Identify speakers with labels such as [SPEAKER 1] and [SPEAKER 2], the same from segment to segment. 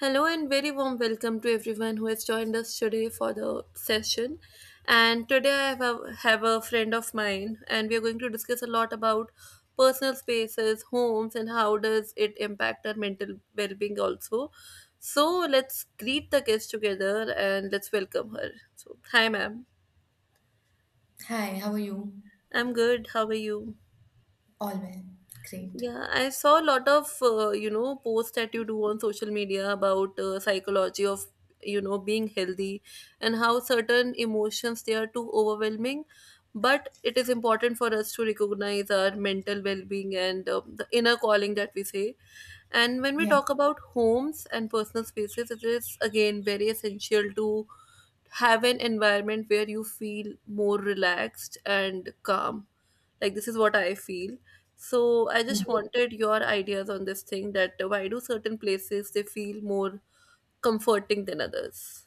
[SPEAKER 1] Hello and very warm welcome to everyone who has joined us today for the session. And today I have a friend of mine, and we are going to discuss a lot about personal spaces, homes, and how does it impact our mental well-being also. So let's greet the guest together and let's welcome her. So hi, ma'am.
[SPEAKER 2] Hi, how are you?
[SPEAKER 1] I'm good. How are you?
[SPEAKER 2] All well. Great.
[SPEAKER 1] Yeah, I saw a lot of posts that you do on social media about psychology of being healthy and how certain emotions they are too overwhelming. But it is important for us to recognize our mental well-being and the inner calling that we say. And when we
[SPEAKER 2] Yeah.
[SPEAKER 1] talk about homes and personal spaces, it is again very essential to have an environment where you feel more relaxed and calm, like this is what I feel. So I just wanted your ideas on this thing, that why do certain places they feel more comforting than others.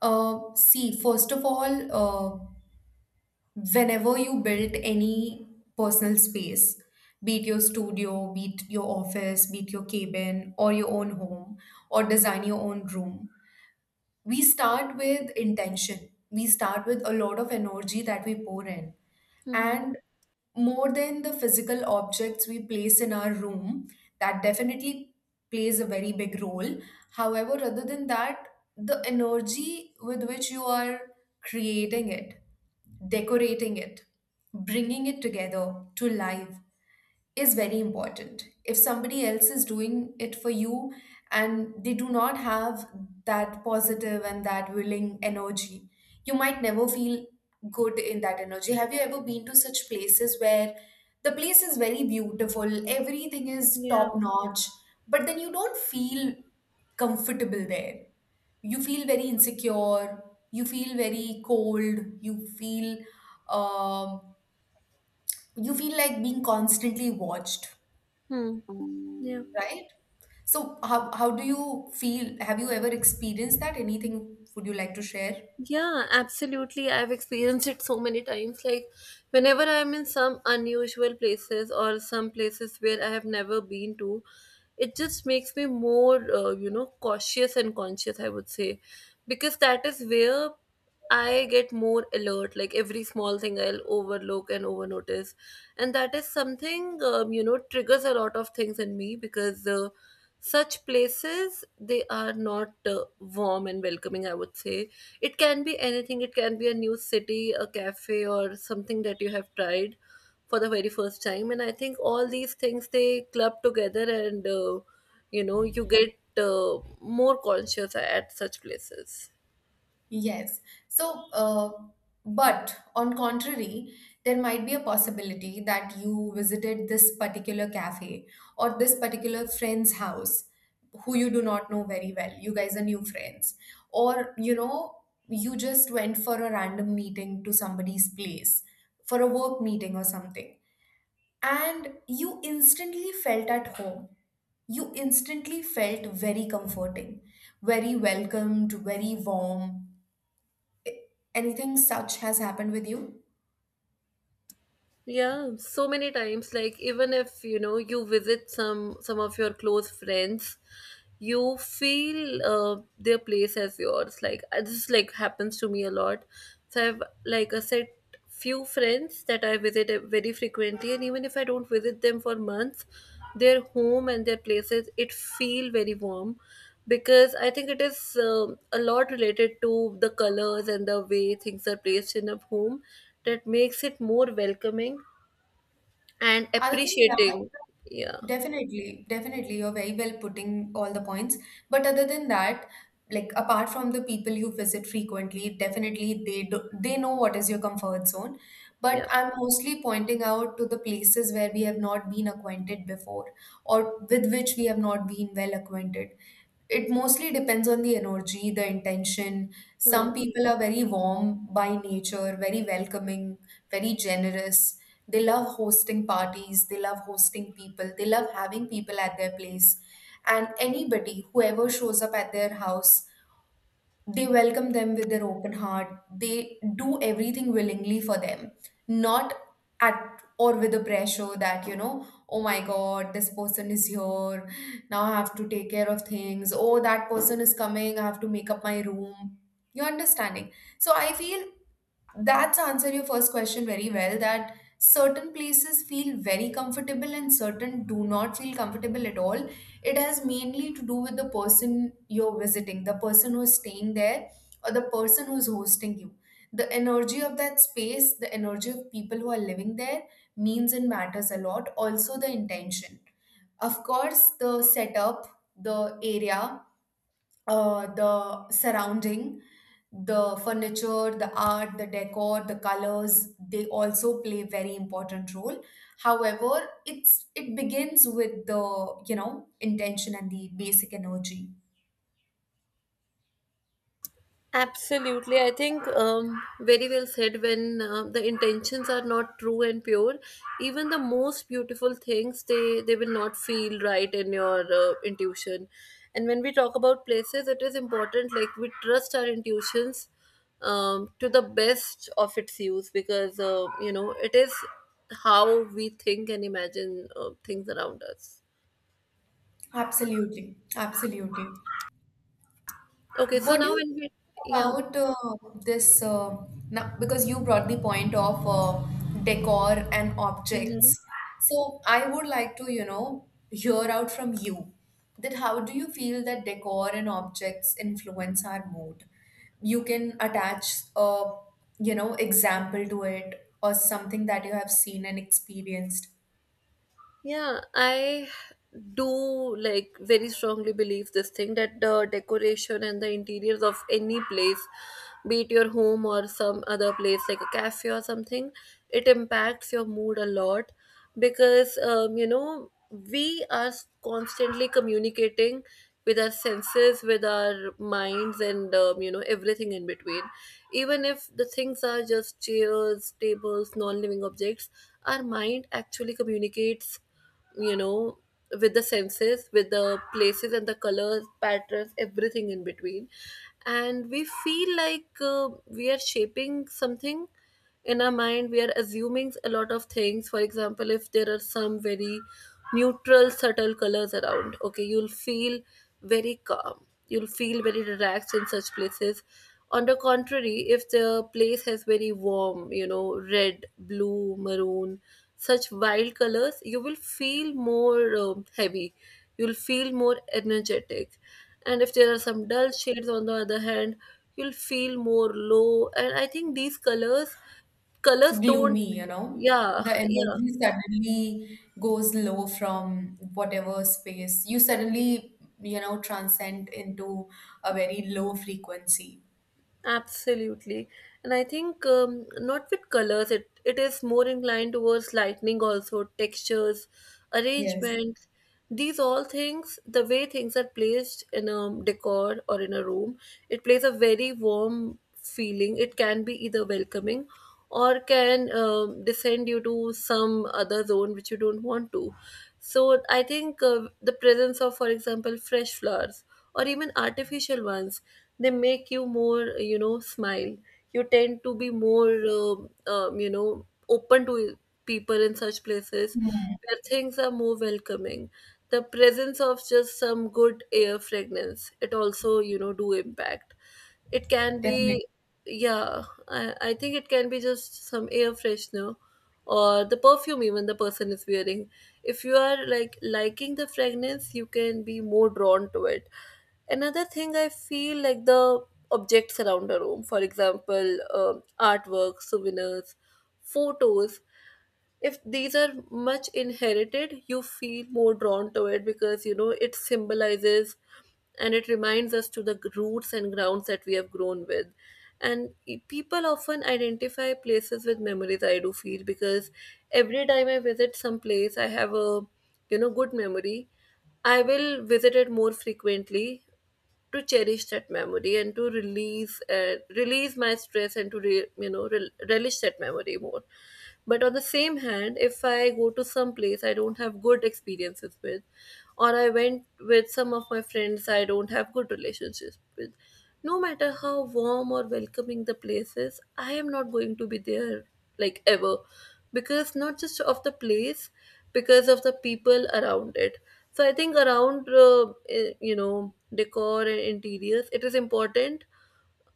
[SPEAKER 2] See, first of all, whenever you build any personal space, be it your studio, be it your office, be it your cabin, or your own home, or design your own room, we start with intention. We start with a lot of energy that we pour in.
[SPEAKER 1] Mm-hmm.
[SPEAKER 2] And more than the physical objects we place in our room, that definitely plays a very big role. However, other than that, the energy with which you are creating it, decorating it, bringing it together to life is very important. If somebody else is doing it for you and they do not have that positive and that willing energy, you might never feel good in that energy. Have you ever been to such places where the place is very beautiful, everything is
[SPEAKER 1] Yeah.
[SPEAKER 2] top notch, but then you don't feel comfortable there? You feel very insecure, you feel very cold, you feel um, you feel like being constantly watched,
[SPEAKER 1] Hmm. Yeah.
[SPEAKER 2] right? So how do you feel? Have you ever experienced that? Anything would you like to share?
[SPEAKER 1] Yeah,
[SPEAKER 2] Yes.
[SPEAKER 1] absolutely. I've experienced it so many times. Like, whenever I'm in some unusual places or some places where I have never been to, it just makes me more, cautious and conscious, I would say. Because that is where I get more alert. Like, every small thing I'll overlook and overnotice, and that is something triggers a lot of things in me, because such places they are not warm and welcoming, I would say. It can be anything, it can be a new city, a cafe, or something that you have tried for the very first time, and I think all these things they club together and you get more conscious at such places.
[SPEAKER 2] Yes. So, but on contrary, there might be a possibility that you visited this particular cafe or this particular friend's house who you do not know very well. You guys are new friends. Or, you know, you just went for a random meeting to somebody's place for a work meeting or something and you instantly felt at home. You instantly felt very comforting, very welcomed, very warm. Anything such has happened with you?
[SPEAKER 1] Yeah, so many times. Like, even if you know you visit some of your close friends, you feel their place as yours. Like, this, like, happens to me a lot. So I've, like I said, few friends that I visit very frequently, and even if I don't visit them for months, their home and their places it feel very warm, because I think it is a lot related to the colors and the way things are placed in a home that makes it more welcoming and
[SPEAKER 2] Other than that,
[SPEAKER 1] appreciating. Yeah,
[SPEAKER 2] definitely, definitely. You're very well putting all the points. But other than that, like apart from the people you visit frequently, definitely they do, they know what is your comfort zone. But
[SPEAKER 1] yeah.
[SPEAKER 2] I'm mostly pointing out to the places where we have not been acquainted before, or with which we have not been well acquainted. It mostly depends on the energy, the intention. Some
[SPEAKER 1] Hmm.
[SPEAKER 2] people are very warm by nature, very welcoming, very generous. They love hosting parties, they love hosting people, they love having people at their place. And anybody, whoever shows up at their house, they welcome them with their open heart. They do everything willingly for them, not at or with the pressure that, you know, oh my God, this person is here. Now I have to take care of things. Oh, that person is coming. I have to make up my room. You're understanding. So I feel that's answer your first question very well, that certain places feel very comfortable and certain do not feel comfortable at all. It has mainly to do with the person you're visiting, the person who's staying there, or the person who's hosting you. The energy of that space, the energy of people who are living there means and matters a lot. Also, the intention. Of course, the setup, the area, the surrounding, the furniture, the art, the decor, the colors, they also play very important role. However, it begins with the, you know, intention and the basic energy.
[SPEAKER 1] Absolutely. I think very well said, when the intentions are not true and pure, even the most beautiful things, they will not feel right in your intuition. And when we talk about places, it is important like we trust our intuitions to the best of its use, because it is how we think and imagine things around us.
[SPEAKER 2] Absolutely. Absolutely.
[SPEAKER 1] Okay, so
[SPEAKER 2] What do
[SPEAKER 1] now
[SPEAKER 2] you
[SPEAKER 1] when
[SPEAKER 2] think
[SPEAKER 1] we, yeah.
[SPEAKER 2] about this? Now, because you brought the point of decor and objects,
[SPEAKER 1] Mm-hmm.
[SPEAKER 2] so I would like to, you know, hear out from you that how do you feel that decor and objects influence our mood? You can attach a, you know, example to it or something that you have seen and experienced.
[SPEAKER 1] Yeah, I do like very strongly believe this thing, that the decoration and the interiors of any place, be it your home or some other place like a cafe or something, it impacts your mood a lot, because we are constantly communicating with our senses, with our minds, and everything in between. Even if the things are just chairs, tables, non-living objects, our mind actually communicates, you know with the senses, with the places and the colors, patterns, everything in between. And we feel like we are shaping something in our mind, we are assuming a lot of things. For example, if there are some very neutral subtle colors around, okay, you'll feel very calm. You'll feel very relaxed in such places. On the contrary, if the place has very warm, you know, red, blue, maroon, such wild colors, you will feel more heavy. You'll feel more energetic. And if there are some dull shades, on the other hand, you'll feel more low. And I think these colors, colors don't,
[SPEAKER 2] Gloomy, you know.
[SPEAKER 1] yeah,
[SPEAKER 2] The
[SPEAKER 1] yeah.
[SPEAKER 2] energy suddenly goes low from whatever space. You suddenly, you know, transcend into a very low frequency.
[SPEAKER 1] Absolutely. And I think not with colors, it is more inclined towards lightning also, textures,
[SPEAKER 2] Yes,
[SPEAKER 1] arrangements. These all things, the way things are placed in a decor or in a room, it plays a very warm feeling. It can be either welcoming, or can descend you to some other zone which you don't want to. So I think the presence of, for example, fresh flowers or even artificial ones, they make you more, you know, smile. You tend to be more, you know, open to people in such places where things are more welcoming. The presence of just some good air fragrance, it also, you know, do impact. It can
[SPEAKER 2] definitely.
[SPEAKER 1] be, yeah, I think it can be just some air freshener or the perfume even the person is wearing. If you are like liking the fragrance, you can be more drawn to it. Another thing I feel, like, the objects around a room, for example, um, artwork, souvenirs, photos, if these are much inherited, you feel more drawn to it, because you know it symbolizes, and it reminds us to the roots and grounds that we have grown with. And people often identify places with memories, I do feel. Because every time I visit some place I have a, you know, good memory, I will visit it more frequently to cherish that memory, and to release release my stress, and to relish that memory more. But on the same hand, if I go to some place I don't have good experiences with, or I went with some of my friends I don't have good relationships with, no matter how warm or welcoming the place is, I am not going to be there, like, ever. Because not just of the place, because of the people around it. So I think around decor and interiors, it is important,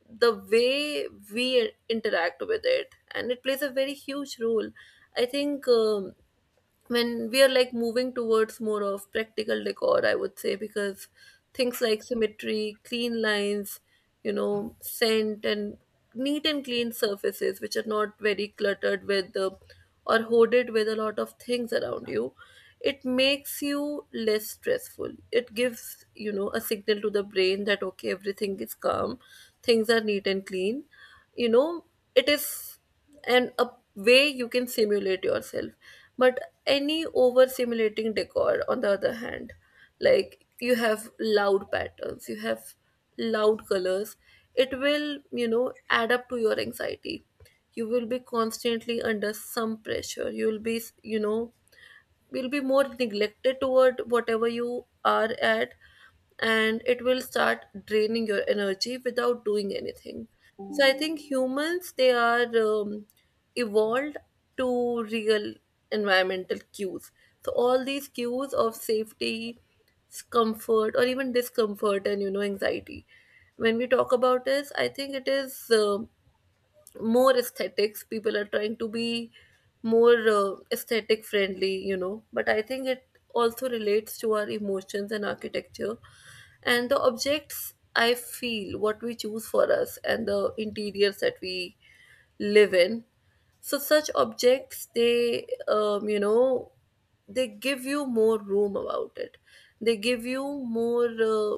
[SPEAKER 1] the way we interact with it, and it plays a very huge role. I think when we are like moving towards more of practical decor, I would say, because things like symmetry, clean lines, you know, scent, and neat and clean surfaces, which are not very cluttered with the, or hoarded with a lot of things around you, it makes you less stressful. It gives, you know, a signal to the brain that, okay, everything is calm, things are neat and clean. You know, it is, and a way you can simulate yourself. But any over simulating decor, on the other hand, like you have loud patterns, you have loud colors, it will, you know, add up to your anxiety. You will be constantly under some pressure, you will be, you know, will be more neglected toward whatever you are at, and it will start draining your energy without doing anything. So I think humans, they are evolved to real environmental cues. So all these cues of safety, comfort, or even discomfort and, you know, anxiety, when we talk about this, I think it is more aesthetics, people are trying to be more aesthetic friendly, you know. But I think it also relates to our emotions and architecture. And the objects, I feel, what we choose for us and the interiors that we live in, so such objects they, you know, they give you more room about it, they give you more,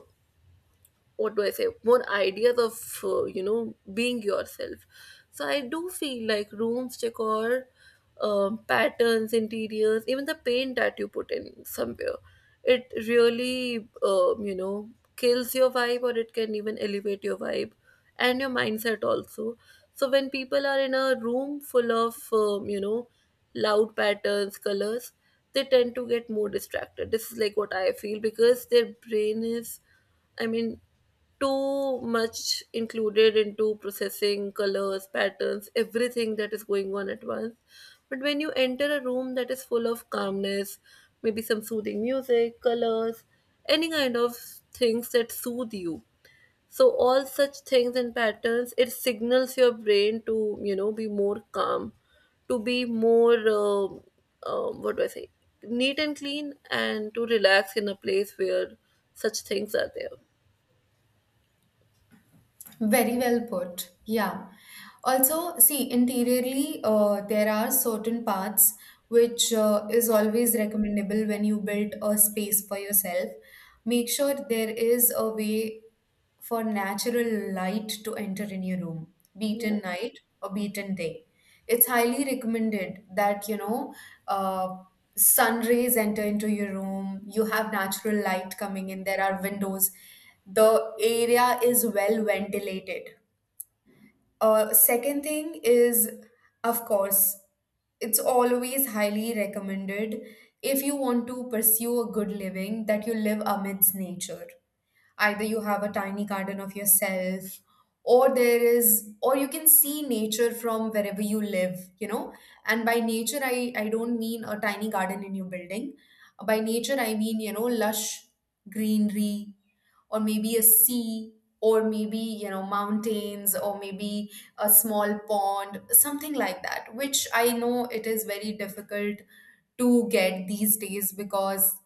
[SPEAKER 1] what do I say, more ideas of, you know, being yourself. So I do feel like rooms decor, patterns, interiors, even the paint that you put in somewhere, it really, you know, kills your vibe, or it can even elevate your vibe and your mindset also. So when people are in a room full of, you know, loud patterns, colors, they tend to get more distracted. This is like what I feel, because their brain is, I mean, too much included into processing colors, patterns, everything that is going on at once. But when you enter a room that is full of calmness, maybe some soothing music, colors, any kind of things that soothe you, so all such things and patterns, it signals your brain to, you know, be more calm, to be more, what do I say, neat and clean, and to relax in a place where such things are there.
[SPEAKER 2] Very well put. Yeah. Also, see, interiorly, there are certain paths which is always recommendable when you build a space for yourself. Make sure there is a way for natural light to enter in your room, be it
[SPEAKER 1] Yeah,
[SPEAKER 2] in night or be it in day. It's highly recommended that you know uh, sun rays enter into your room. You have natural light coming in. There are windows. The area is well ventilated. Second thing is, of course, it's always highly recommended if you want to pursue a good living that you live amidst nature. Either you have a tiny garden of yourself, or there is, or you can see nature from wherever you live, you know. And by nature, I don't mean a tiny garden in your building. By nature, I mean, you know, lush greenery, or maybe a sea, or maybe you know mountains, or maybe a small pond, something like that, which I know it is very difficult to get these days because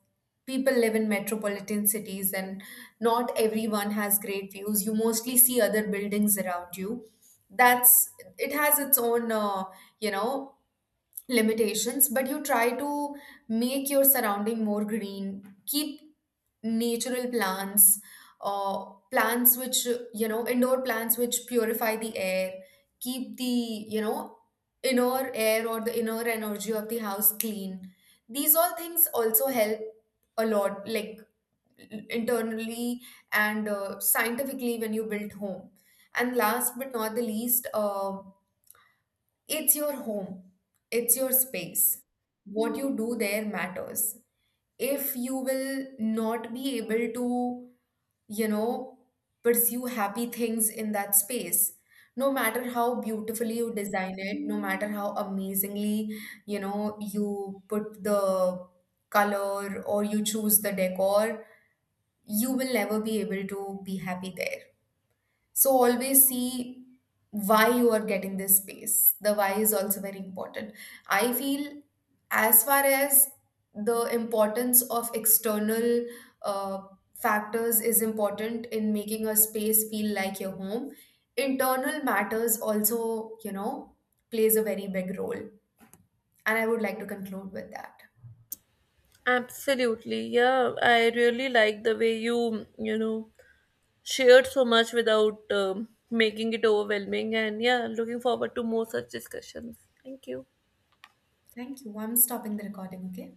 [SPEAKER 2] people live in metropolitan cities and not everyone has great views. You mostly see other buildings around you. That's, it has its own you know limitations. But you try to make your surrounding more green. Keep natural plants, or plants which you know, indoor plants which purify the air, keep the you know inner air or the inner energy of the house clean. These all things also help a lot, like internally and scientifically, when you build home. And last but not the least, it's your home, it's your space. What you do there matters. If you will not be able to, you know, pursue happy things in that space. No matter how beautifully you design it, no matter how amazingly, you know, you put the color or you choose the decor, you will never be able to be happy there. So always see why you are getting this space. The why is also very important. I feel as far as the importance of external uh, factors is important in making a space feel like your home, internal matters also, you know, plays a very big role. And I would like to conclude with that.
[SPEAKER 1] absolutely. Yeah, I really like the way you, you know, shared so much without, making it overwhelming. And yeah, looking forward to more such discussions. Thank you.
[SPEAKER 2] Thank you. I'm stopping the recording, okay?